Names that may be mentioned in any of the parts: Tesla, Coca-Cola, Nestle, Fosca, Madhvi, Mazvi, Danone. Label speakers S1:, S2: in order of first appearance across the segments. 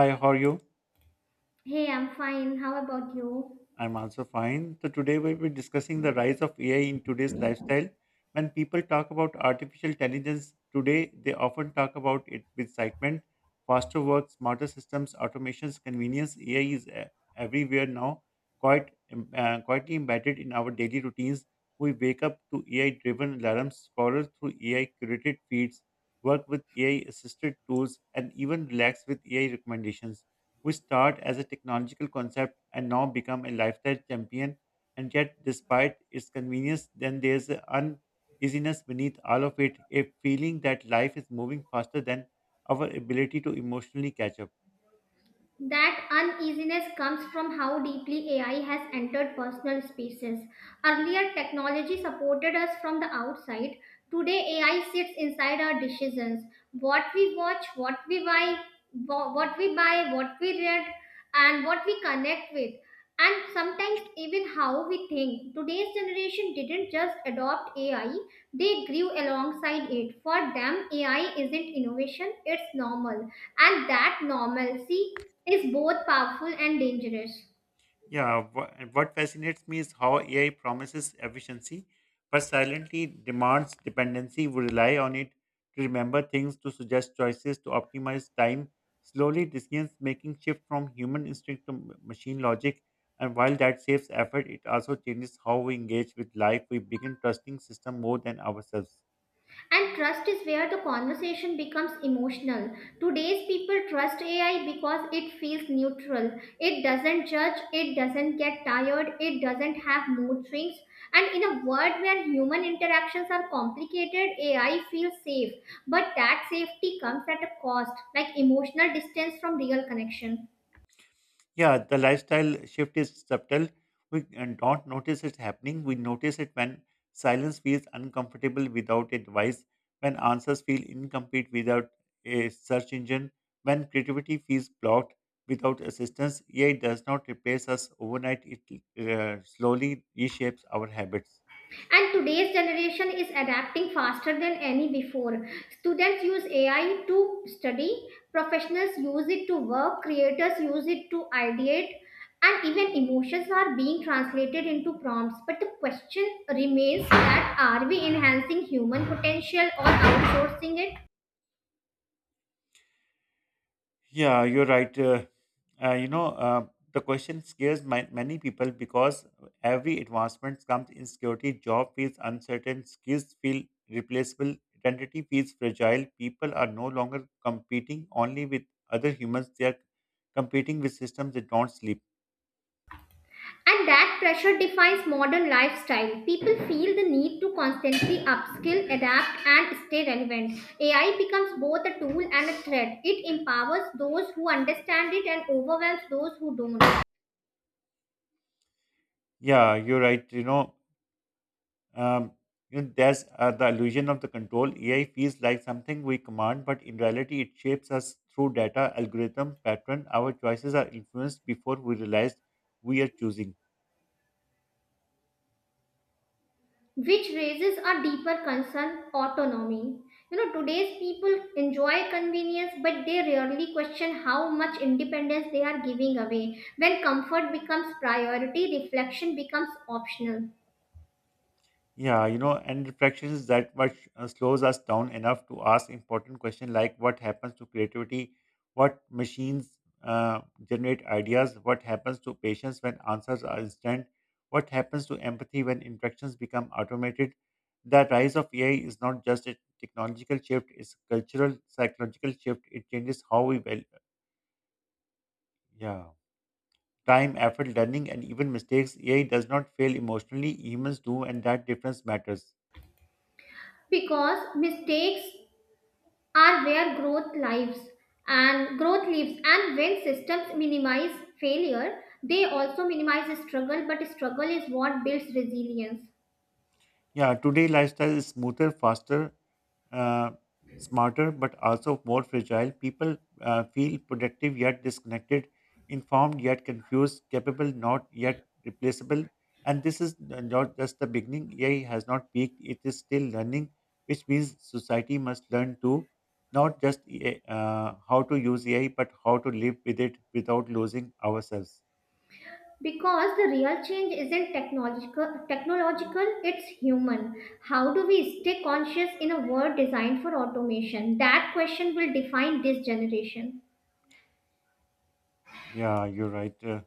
S1: Hi, how are you?
S2: Hey, I'm fine. How about you?
S1: I'm also fine. So today we'll be discussing the rise of AI in today's lifestyle. When people talk about artificial intelligence today, they often talk about it with excitement. Faster work, smarter systems, automations, convenience. Everywhere now, quietly embedded in our daily routines. We wake up to AI-driven alarms, scroll through AI-curated feeds, work with AI-assisted tools, and even relax with AI recommendations which started as a technological concept and now become a lifestyle champion. And yet, despite its convenience, then there's an uneasiness beneath all of it, a feeling that life is moving faster than our ability to emotionally catch up.
S2: That uneasiness comes from how deeply AI has entered personal spaces. Earlier, technology supported us from the outside. Today, AI sits inside our decisions. What we watch, what we buy, what we buy, what we read, and what we connect with. And sometimes even how we think. Today's generation didn't just adopt AI, they grew alongside it. For them, AI isn't innovation, it's normal. And that normalcy is both powerful and dangerous.
S1: Yeah, and what fascinates me is how AI promises efficiency, but silently demands dependency. We rely on it to remember things, to suggest choices, to optimize time. Slowly, decisions making shift from human instinct to machine logic. And while that saves effort, it also changes how we engage with life. We begin trusting system more than ourselves.
S2: And trust is where the conversation becomes emotional. Today's people trust AI because it feels neutral. It doesn't judge, it doesn't get tired, it doesn't have mood swings. And in a world where human interactions are complicated, AI feels safe. But that safety comes at a cost, like emotional distance from real connection.
S1: Yeah, the lifestyle shift is subtle. We don't notice it happening. We notice it when silence feels uncomfortable without advice, when answers feel incomplete without a search engine, when creativity feels blocked without assistance. AI does not replace us overnight, it slowly reshapes our habits.
S2: And today's generation is adapting faster than any before. Students use AI to study, professionals use it to work, creators use it to ideate, and even emotions are being translated into prompts. But the question remains, that are we enhancing human potential or outsourcing it?
S1: Yeah, you're right. Uh, you know, uh, the question scares many people because every advancement comes in security. Job feels uncertain, skills feel replaceable, identity feels fragile. People are no longer competing only with other humans, they are competing with systems that don't sleep.
S2: And that pressure defines modern lifestyle. People feel the need to constantly upskill, adapt, and stay relevant. AI becomes both a tool and a threat. It empowers those who understand it and overwhelms those who don't,
S1: Yeah, you're right. Um, there's the illusion of the control. AI feels like something we command, but in reality, it shapes us through data, algorithm, pattern. Our choices are influenced before we realize we are choosing.
S2: which raises a deeper concern: autonomy. You know, today's people enjoy convenience, but they rarely question how much independence they are giving away. When comfort becomes priority, reflection becomes optional.
S1: Yeah, you know, and reflection is that what slows us down enough to ask important questions like what happens to creativity, what machines uh, generate ideas, what happens to patience when answers are instant, what happens to empathy when interactions become automated. The rise of AI is not just a technological shift; it's a cultural, psychological shift. It changes how we value, yeah, time, effort, learning, and even mistakes. AI does not fail emotionally; humans do, and that difference matters.
S2: Because mistakes are where growth lives, and when systems minimize failure, they also minimize struggle. But struggle is what builds resilience.
S1: Yeah, today lifestyle is smoother, faster, uh, smarter, but also more fragile. People feel productive yet disconnected, informed yet confused, capable not yet replaceable. And not just the beginning. AI has not peaked; it is still learning, which means society must learn too, not just how to use AI, but how to live with it without losing ourselves.
S2: Because the real change isn't technological, it's human. How do we stay conscious in a world designed for automation? That question will define this generation.
S1: Yeah, you're right. Uh,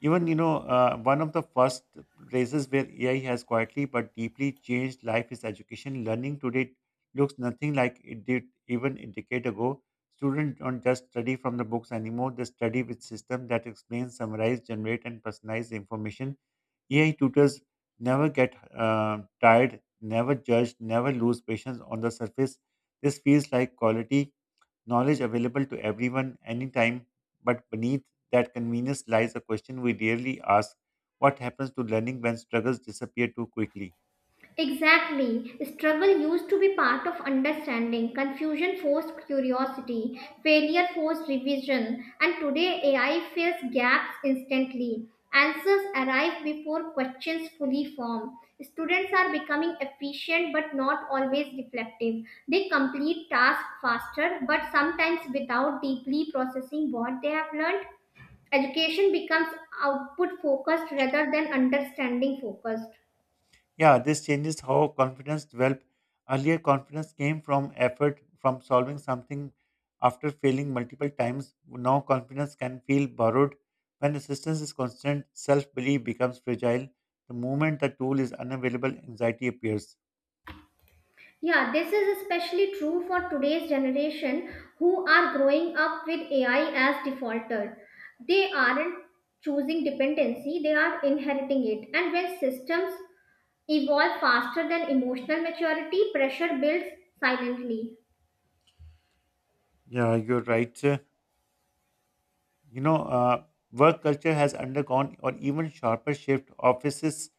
S1: Even, you know, uh, One of the first places where AI has quietly but deeply changed life is education. Learning today looks nothing like it did even a decade ago. Students don't just study from the books anymore, they study with systems that explain, summarize, generate, and personalize information. AI tutors never get tired, never judge, never lose patience on the surface. This feels like quality knowledge available to everyone anytime, but beneath that convenience lies a question we rarely ask what happens to learning when struggles disappear too quickly?
S2: Exactly. Struggle used to be part of understanding. Confusion forced curiosity. Failure forced revision. And today, AI fills gaps instantly. Answers arrive before questions fully form. Students are becoming efficient but not always reflective. They complete tasks faster but sometimes without deeply processing what they have learned. Education becomes output focused rather than understanding focused.
S1: Yeah, this changes how confidence develops. Earlier, confidence came from effort, from solving something after failing multiple times. Now, confidence can feel borrowed. When assistance is constant, self belief becomes fragile. The moment the tool is unavailable, anxiety appears.
S2: Yeah, this is especially true for today's generation who are growing up with AI as defaulter. They aren't choosing dependency, they are inheriting it. And when systems evolve faster than emotional maturity, pressure builds silently.
S1: Yeah, you're right. You know, uh, Work culture has undergone or even sharper shift. Offices,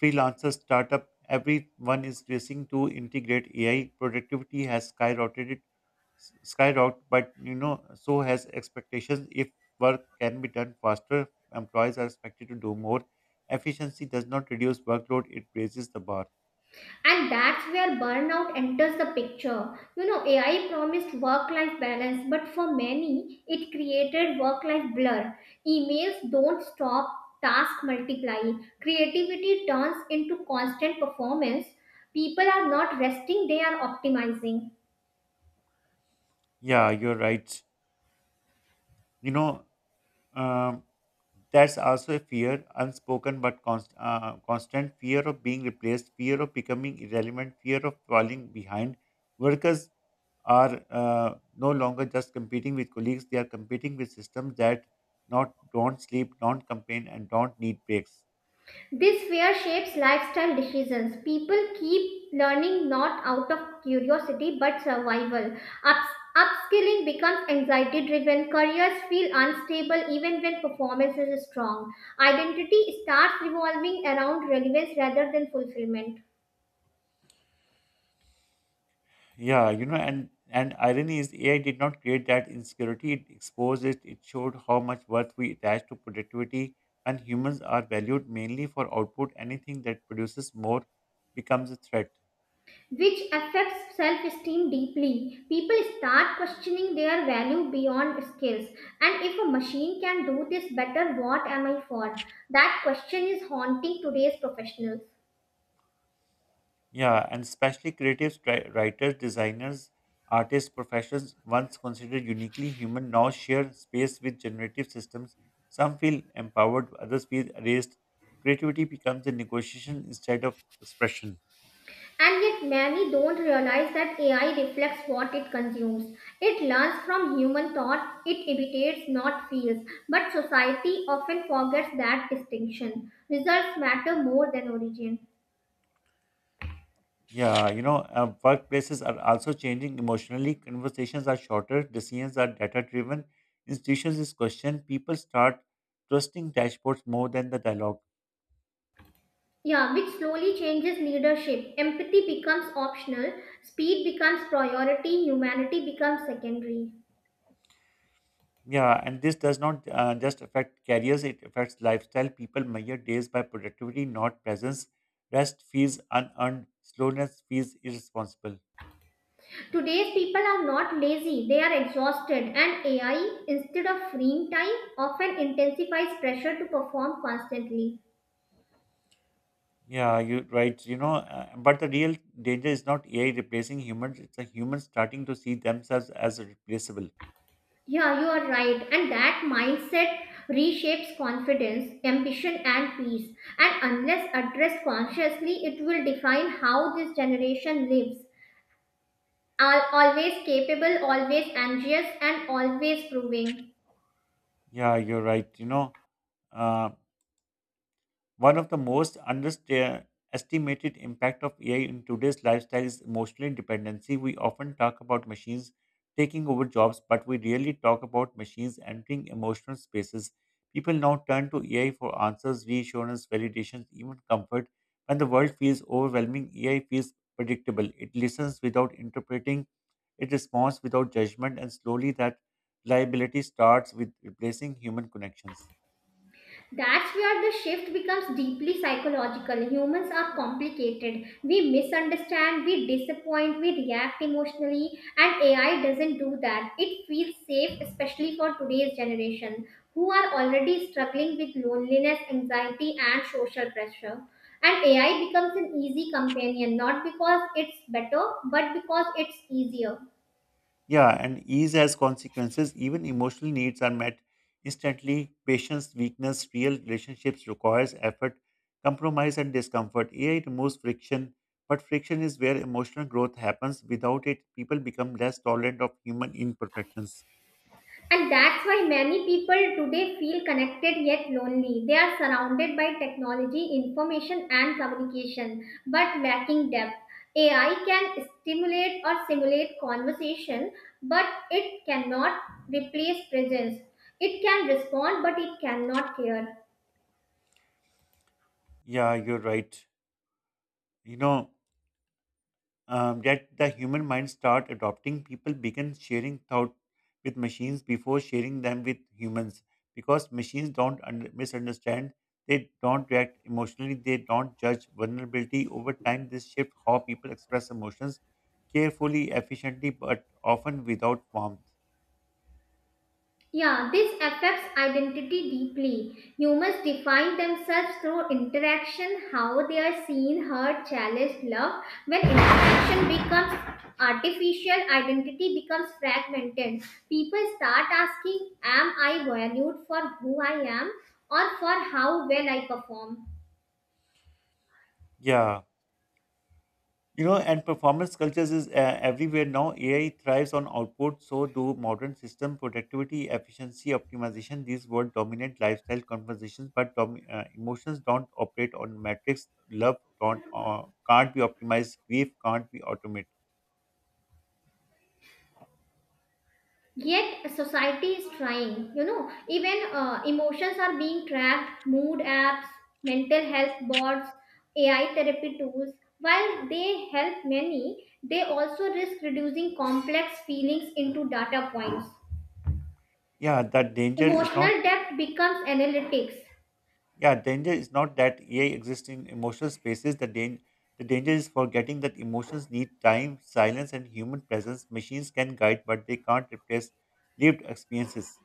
S1: freelancers, startup, everyone is racing to integrate AI. Productivity has skyrocketed, but you know, so has expectations. If work can be done faster, employees are expected to do more. Efficiency does not reduce workload; it raises the bar.
S2: And that's where burnout enters the picture. You know, AI promised work life balance, but for many it created work life blur. Emails don't stop, tasks multiply, creativity turns into constant performance. People are not resting, they are optimizing.
S1: Yeah, you're right. You know, Um, that's also a fear, unspoken but constant fear of being replaced, fear of becoming irrelevant, fear of falling behind. Workers are no longer just competing with colleagues; they are competing with systems that not don't sleep, don't complain, and don't need breaks.
S2: This fear shapes lifestyle decisions. People keep learning not out of curiosity but survival. Upskilling becomes anxiety driven. Careers feel unstable even when performance is strong. Identity starts revolving around relevance rather than fulfillment.
S1: Yeah, you know, and irony is AI did not create that insecurity. It exposed it. It showed how much worth we attach to productivity, and humans are valued mainly for output. Anything that produces more becomes a threat.
S2: Which affects self esteem deeply. People start questioning their value beyond skills. And if a machine can do this better, what am I for? That question is haunting today's professionals.
S1: Yeah, and especially creatives, writers, designers, artists, professions once considered uniquely human now share space with generative systems. Some feel empowered, others feel erased. Creativity becomes a negotiation instead of expression.
S2: And yet, many don't realize that AI reflects what it consumes. It learns from human thought, it imitates, not feels. But society often forgets that distinction. Results matter more than origin.
S1: Yeah, you know, workplaces are also changing emotionally. Conversations are shorter, decisions are data driven, institutions is questioned, people start trusting dashboards more than the dialogue.
S2: Yeah, which slowly changes leadership. Empathy becomes optional, speed becomes priority, humanity becomes secondary.
S1: Yeah, and this does not just affect careers, it affects lifestyle. People measure days by productivity, not presence. Rest feels unearned, slowness feels irresponsible.
S2: Today's people are not lazy, they are exhausted, and AI, instead of freeing time, often intensifies pressure to perform constantly.
S1: Yeah, you right. But the real danger is not AI replacing humans, it's the humans starting to see themselves as replaceable.
S2: Yeah, you are right. And that mindset reshapes confidence, ambition, and peace. And unless addressed consciously, it will define how this generation lives. Always capable, always anxious, and always proving.
S1: Yeah, you're right. Uh, One of the most underestimated impact of AI in today's lifestyle is emotional dependency. We often talk about machines taking over jobs, but we rarely talk about machines entering emotional spaces. People now turn to AI for answers, reassurance, validations, even comfort. When the world feels overwhelming, AI feels predictable. It listens without interpreting, it responds without judgment, and slowly that liability starts with replacing human connections.
S2: That's where the shift becomes deeply psychological. Humans are complicated. We misunderstand, we disappoint, we react emotionally, and AI doesn't do that. It feels safe, especially for today's generation who are already struggling with loneliness, anxiety, and social pressure. And AI becomes an easy companion, not because it's better, but because it's easier.
S1: Yeah, and ease has consequences. Even emotional needs are met instantly. Patience, weakness, real relationships requires effort, compromise, and discomfort. AI removes friction, but friction is where emotional growth happens. Without it, people become less tolerant of human imperfections.
S2: And that's why many people today feel connected yet lonely. They are surrounded by technology, information, and communication, but lacking depth. AI can stimulate or simulate conversation, but it cannot replace presence. It can respond, but it cannot care.
S1: Yeah, you're right. You know, that the human mind start adopting people begin sharing thought with machines before sharing them with humans because machines don't un- misunderstand, they don't react emotionally, they don't judge vulnerability. Over time, this shift how people express emotions carefully, efficiently, but often without warmth,
S2: Yeah, this affects identity deeply. Humans define themselves through interaction, how they are seen, heard, challenged, loved. When interaction becomes artificial, identity becomes fragmented. People start asking, am I valued for who I am or for how well I perform?
S1: yeah. You know, and performance cultures is everywhere now. AI thrives on output, so do modern system productivity, efficiency, optimization. These words dominate lifestyle conversations, but emotions don't operate on metrics. Love don't can't be optimized. Grief can't be automated.
S2: Yet society is trying, even emotions are being tracked, mood apps, mental health boards, AI therapy tools. While they help many, they also risk reducing complex feelings into data points.
S1: Yeah, that danger is not.
S2: Emotional depth becomes analytics.
S1: Yeah, danger is not that AI exists in emotional spaces. The danger is forgetting that emotions need time, silence, and human presence. Machines can guide, but they can't replace lived experiences.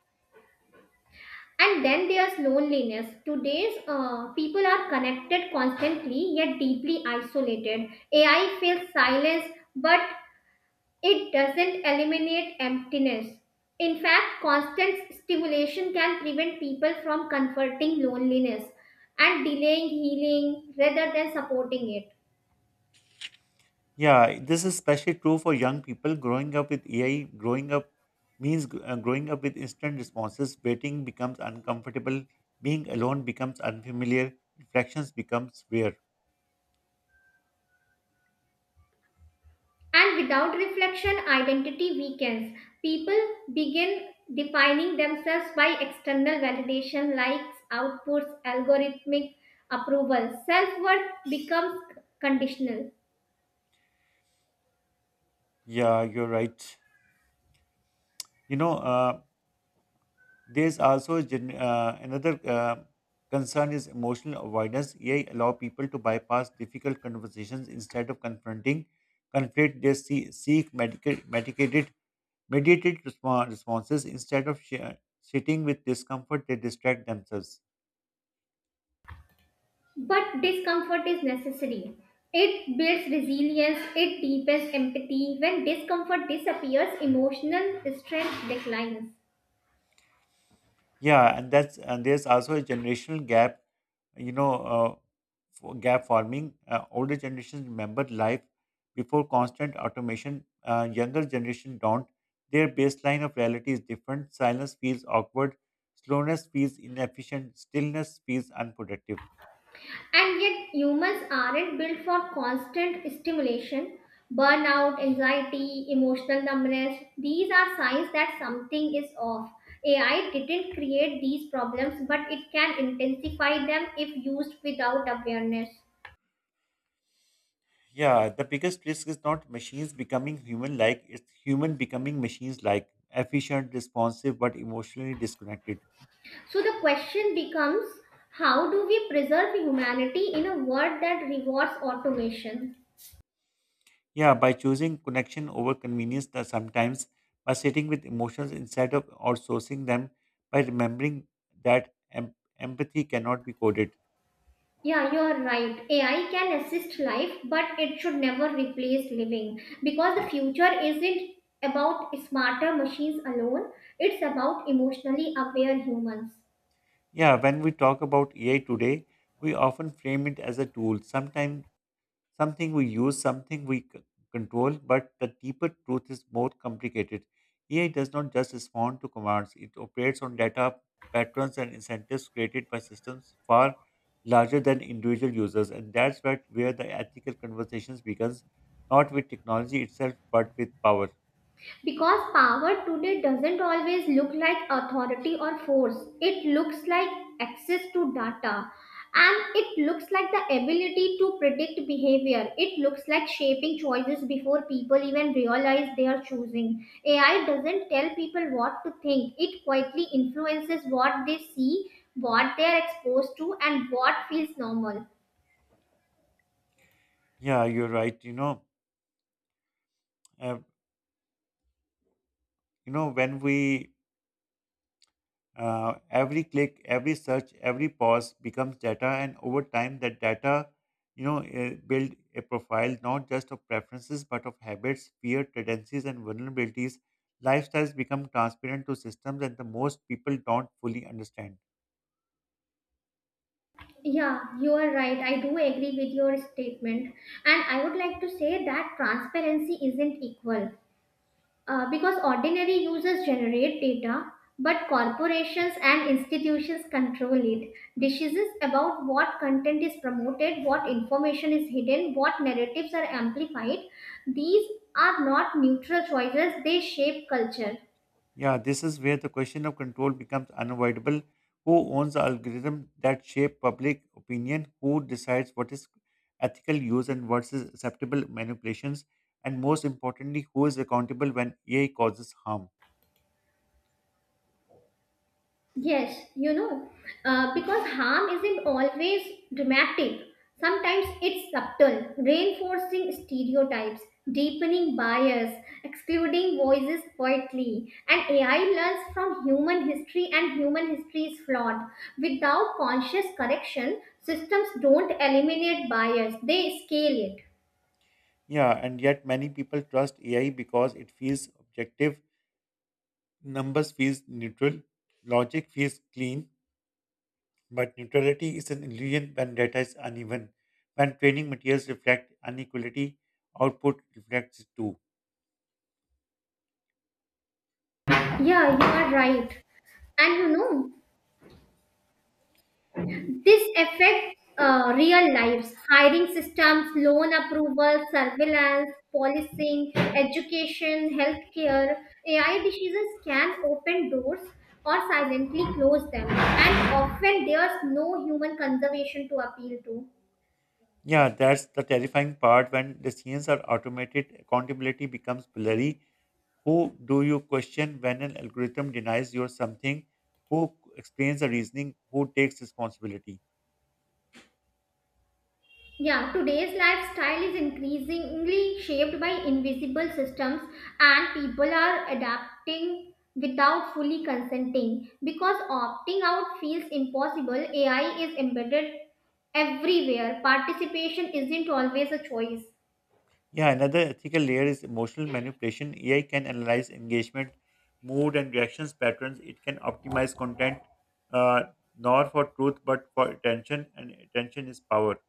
S2: And then there's loneliness. Today's people are connected constantly yet deeply isolated. AI fills silence, but it doesn't eliminate emptiness. In fact, constant stimulation can prevent people from converting loneliness and delaying healing rather than supporting it.
S1: Yeah, this is especially true for young people. Growing up with AI, growing up means gr- Growing up with instant responses. Waiting becomes uncomfortable. Being alone becomes unfamiliar. Reflections becomes rare.
S2: And without reflection, identity weakens. People begin defining themselves by external validation, likes, outputs, algorithmic approval. Self worth becomes conditional.
S1: Yeah, you're right. You know, uh, there's also a gen- another concern is emotional avoidance. AI allow people to bypass difficult conversations instead of confronting conflict. Seek medicated responses instead of sitting with discomfort, they distract themselves.
S2: But discomfort is necessary. It builds resilience, it deepens empathy. When discomfort disappears, emotional strength declines.
S1: Yeah, and that's and there's also a generational gap. You know, gap forming, older generations remember life before constant automation, younger generation don't. Their baseline of reality is different. Silence feels awkward, slowness feels inefficient, stillness feels unproductive.
S2: And yet, humans aren't built for constant stimulation. Burnout, anxiety, emotional numbness, these are signs that something is off. AI didn't create these problems, but it can intensify them if used without awareness.
S1: Yeah, the biggest risk is not machines becoming human like, it's human becoming machines like, efficient, responsive, but emotionally disconnected.
S2: So the question becomes, how do we preserve humanity in a world that rewards automation?
S1: Yeah, by choosing connection over convenience that sometimes, by sitting with emotions instead of outsourcing them, by remembering that empathy cannot be coded.
S2: Yeah, you're right. AI can assist life, but it should never replace living, because the
S1: Yeah.
S2: future isn't about smarter machines alone, it's about emotionally aware humans.
S1: Yeah, when we talk about AI today, we often frame it as a tool. Sometimes Something we use, something we c- control, but the deeper truth is more complicated. AI does not just respond to commands, it operates on data, patterns, and incentives created by systems far larger than individual users. And that's where the ethical conversations begins, not with technology itself, but with power.
S2: Because power today doesn't always look like authority or force, it looks like access to data, and it looks like the ability to predict behavior. It looks like shaping choices before people even realize they are choosing. AI doesn't tell people what to think, it quietly influences what they see, what they are exposed to, and what feels normal.
S1: Yeah, you're right. Uh, you know when we Every click, every search, every pause becomes data, and over time, that data, build a profile not just of preferences but of habits, fear, tendencies, and vulnerabilities. Lifestyles become transparent to systems, and the most people don't fully understand.
S2: Yeah, you are right. I do agree with your statement. And I would like to say that transparency isn't equal, because ordinary users generate data, but corporations and institutions control it. Decisions about what content is promoted, what information is hidden, what narratives are amplified, these are not neutral choices, they shape culture.
S1: Yeah, this is where the question of control becomes unavoidable. Who owns the algorithm that shape public opinion? Who decides what is ethical use and what is acceptable manipulations? And most importantly, who is accountable when AI causes harm?
S2: Yes, because harm isn't always dramatic. Sometimes it's subtle, reinforcing stereotypes, deepening bias, excluding voices quietly. And AI learns from human history, and human history is flawed. Without conscious correction, systems don't eliminate bias, they scale it.
S1: Yeah, and yet many people trust AI because it feels objective, numbers feels neutral, logic feels clean, but neutrality is an illusion when data is uneven. When training materials reflect inequality, output reflects it too.
S2: Yeah, you are right. And this affects real lives: hiring systems, loan approval, surveillance, policing, education, healthcare. AI decisions can open doors or silently close them, and often there's no human conservation to appeal to.
S1: Yeah, that's the terrifying part. When decisions are automated, accountability becomes blurry. Who do you question when an algorithm denies you something? Who explains the reasoning? Who takes responsibility?
S2: Yeah, today's lifestyle is increasingly shaped by invisible systems, and people are adapting without fully consenting. Because opting out feels impossible, AI is embedded everywhere. Participation isn't always a choice,
S1: Yeah, another ethical layer is emotional manipulation. AI can analyze engagement, mood, and reactions patterns. It can optimize content, uh, not for truth, but for attention, and attention is power.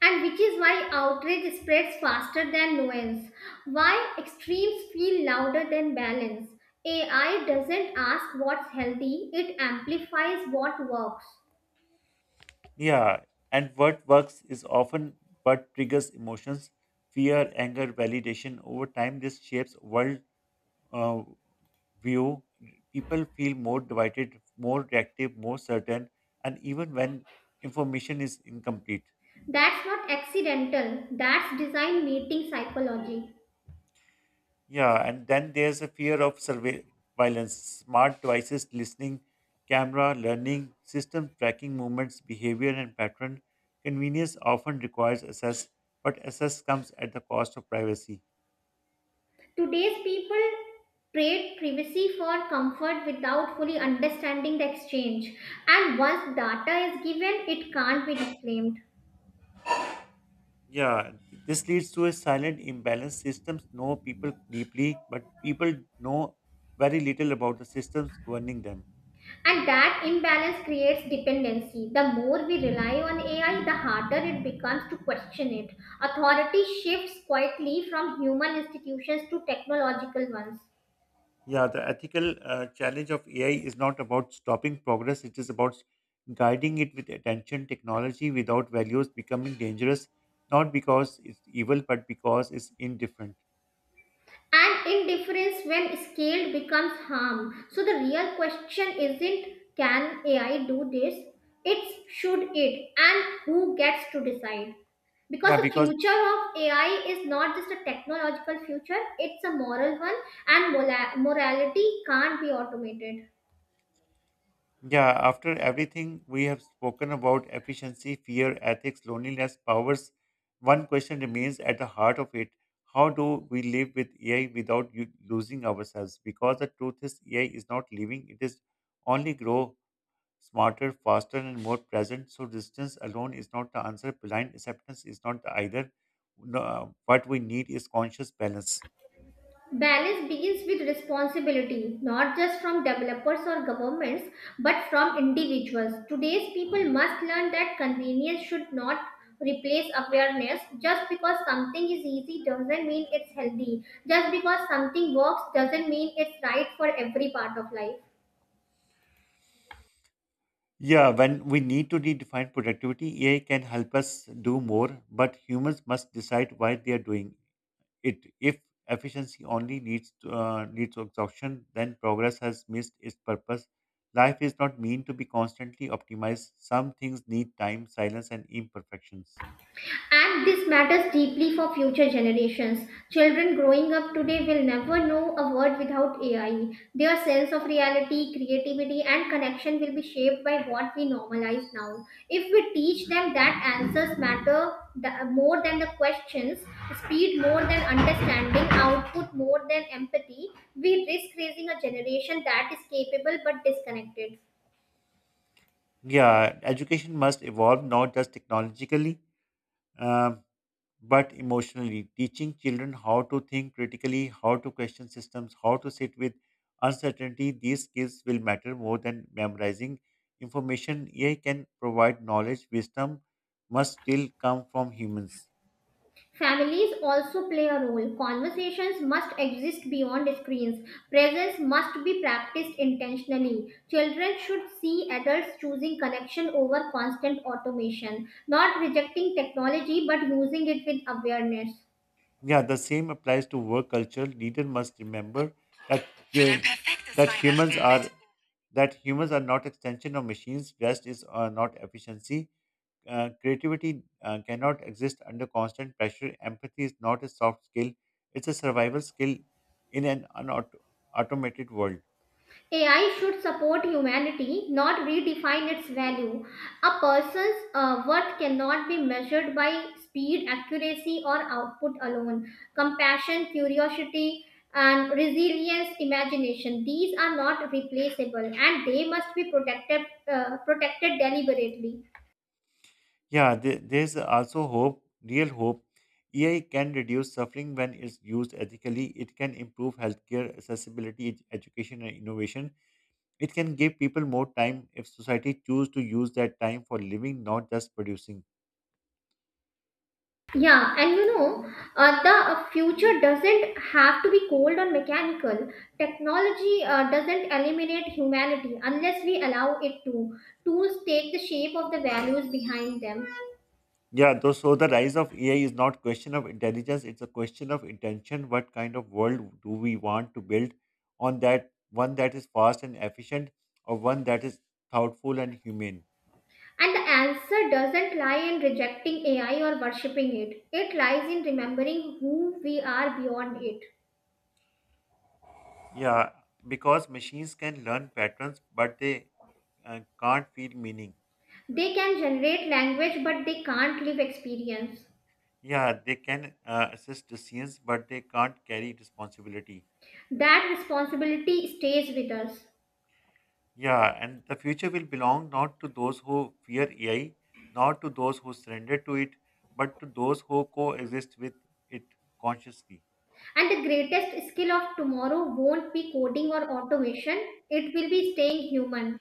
S2: and which is why outrage spreads faster than nuance, why extremes feel louder than balance. AI doesn't ask what's healthy, it amplifies what works.
S1: Yeah, and what works is often what triggers emotions, fear, anger, validation. Over time, this shapes world uh, view. People feel more divided, more reactive, more certain, and even when information is incomplete.
S2: That's not accidental, that's design meeting psychology.
S1: Yeah, and then there's a fear of surveillance, smart devices, listening, camera, learning, system tracking movements, behavior, and pattern. Convenience often requires access, but access comes at the cost of privacy.
S2: Today's people trade privacy for comfort without fully understanding the exchange. And once data is given, it can't be reclaimed.
S1: Yeah, this leads to a silent imbalance. Systems know people deeply, but people know very little about the systems governing them.
S2: And that imbalance creates dependency. The more we rely on AI, the harder it becomes to question it. Authority shifts quietly from human institutions to technological ones.
S1: Yeah, the ethical challenge of AI is not about stopping progress, it is about guiding it with attention. Technology without values becoming dangerous, not because it's evil, but because it's indifferent.
S2: And indifference, when scaled, becomes harm. So the real question isn't, can AI do this? It's, should it, and who gets to decide? Because
S1: Yeah,
S2: the
S1: because
S2: future of AI is not just a technological future, it's a moral one, and morality can't be automated.
S1: Yeah, after everything we have spoken about efficiency, fear, ethics, loneliness, powers, one question remains at the heart of it. How do we live with AI without you losing ourselves? Because the truth is, AI is not leaving; it is only grow smarter, faster, and more present. So, distance alone is not the answer, blind acceptance is not the either. No, what we need is conscious balance.
S2: Balance begins with responsibility, not just from developers or governments, but from individuals. Today's people must learn that convenience should not replace awareness. Just because something is easy doesn't mean it's healthy. Just because something works doesn't mean it's right for every part of life.
S1: Yeah, when we need to redefine productivity, AI can help us do more, but humans must decide why they are doing it. If efficiency only leads to exhaustion, then progress has missed its purpose. Life is not meant to be constantly optimized. Some things need time, silence, and imperfections.
S2: And this matters deeply for future generations. Children growing up today will never know a world without AI. Their sense of reality, creativity, and connection will be shaped by what we normalize now. If we teach them that answers matter more than the questions, speed more than understanding, output more than empathy, we risk raising a generation that is capable but disconnected.
S1: Yeah, education must evolve not just technologically. um, but emotionally. Teaching children how to think critically, how to question systems, how to sit with uncertainty, these skills will matter more than memorizing information. AI can provide knowledge, wisdom must still come from humans.
S2: Families also play a role. Conversations must exist beyond screens. Presence must be practiced intentionally. Children should see adults choosing connection over constant automation, not rejecting technology but using it with awareness.
S1: Yeah, the same applies to work culture. Leader must remember that, uh, that humans are that humans are not extension of machines. Rest is not efficiency. Creativity cannot exist under constant pressure. Empathy is not a soft skill, it's a survival skill in an unautomated world.
S2: AI should support humanity, not redefine its value. A person's worth cannot be measured by speed, accuracy, or output alone. Compassion, curiosity, and resilience, imagination, these are not replaceable and they must be protected deliberately.
S1: Yeah, there's also hope, real hope. AI can reduce suffering when it's used ethically. It can improve healthcare accessibility, education, and innovation. It can give people more time if society choose to use that time for living, not just producing.
S2: Yeah, and the future doesn't have to be cold or mechanical. Technology doesn't eliminate humanity unless we allow it to. Tools take the shape of the values behind them.
S1: So the rise of AI is not question of intelligence, it's a question of intention. What kind of world do we want to build on? That one that is fast and efficient, or one that is thoughtful and humane?
S2: And the answer doesn't lie in rejecting AI or worshipping it, it lies in remembering who we are beyond it.
S1: Yeah, because machines can learn patterns, but they can't feel meaning.
S2: They can generate language, but they can't live experience.
S1: Yeah, they can assist decisions, but they can't carry responsibility.
S2: That responsibility stays with us.
S1: Yeah, and the future will belong not to those who fear AI, not to those who surrender to it, but to those who coexist with it consciously.
S2: And the greatest skill of tomorrow won't be coding or automation, it will be staying human.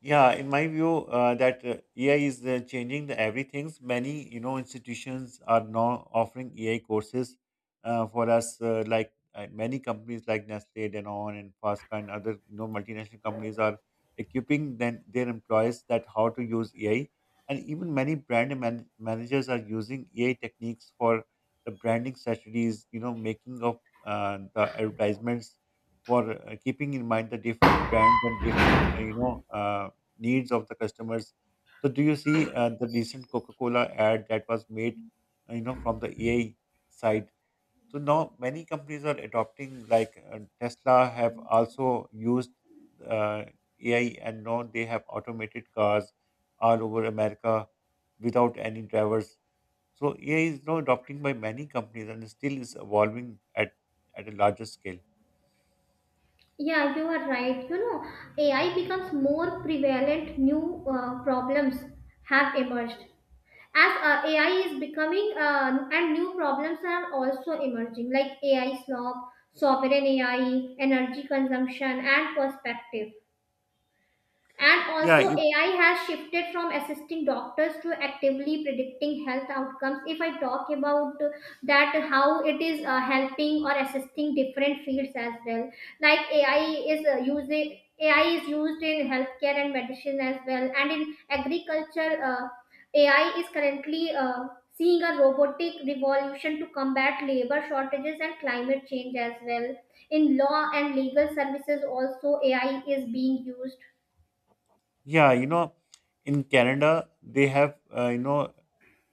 S1: Yeah, in my view, that AI is changing the everything. Many you know institutions are now offering AI courses for us. Many companies like Nestle, Danone, and Fosca and other you know multinational companies are equipping then their employees that how to use AI, and even many brand managers are using AI techniques for the branding strategies. You know, making of the advertisements for keeping in mind the different trends and different needs of the customers. So, do you see the recent Coca-Cola ad that was made, you know, from the AI side? So now many companies are adopting, like Tesla have also used uh, AI, and now they have automated cars all over America without any drivers. So AI is now adopting by many companies and still is evolving at a larger scale.
S2: Yeah, you are right. You know, AI becomes more prevalent, new problems have emerged. As AI is becoming, and new problems are also emerging, like AI slop, sovereign AI, energy consumption, and perspective. And
S1: Yeah,
S2: also,
S1: you,
S2: AI has shifted from assisting doctors to actively predicting health outcomes. If I talk about that, how it is helping or assisting different fields as well, like AI is using AI is used in healthcare and medicine as well, and in agriculture, AI is currently seeing a robotic revolution to combat labor shortages and climate change as well. In law and legal services, also AI is being used.
S1: yeah. You know, in Canada they have you know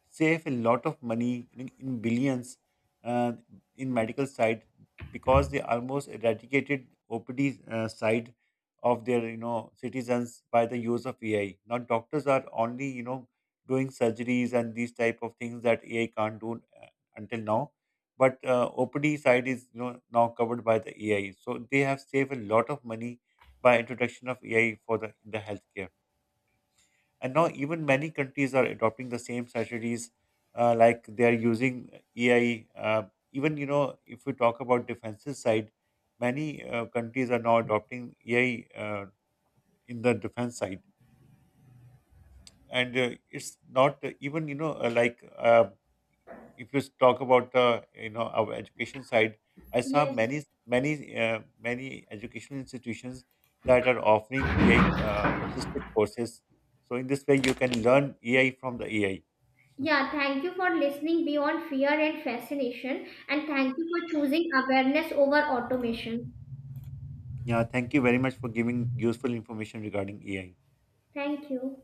S1: save a lot of money in billions uh, in medical side because they almost eradicated OPD side of their you know citizens by the use of AI. Now doctors are only you know doing surgeries and these type of things that AI can't do until now. But OPD side is you know now covered by the AI, so they have saved a lot of money by introduction of AI for the in the healthcare. And now even many countries are adopting the same strategies, like they are using AI. Even you know, if we talk about defensive side, many countries are now adopting AI in the defense side, and it's not even you know like if you talk about you know our education side, I saw
S2: Yes.
S1: many educational institutions that are offering AI assisted courses. So in this way, you can learn AI from the AI.
S2: Yeah, thank you for listening beyond fear and fascination, and thank you for choosing awareness over automation.
S1: Yeah, thank you very much for giving useful information regarding AI.
S2: Thank you.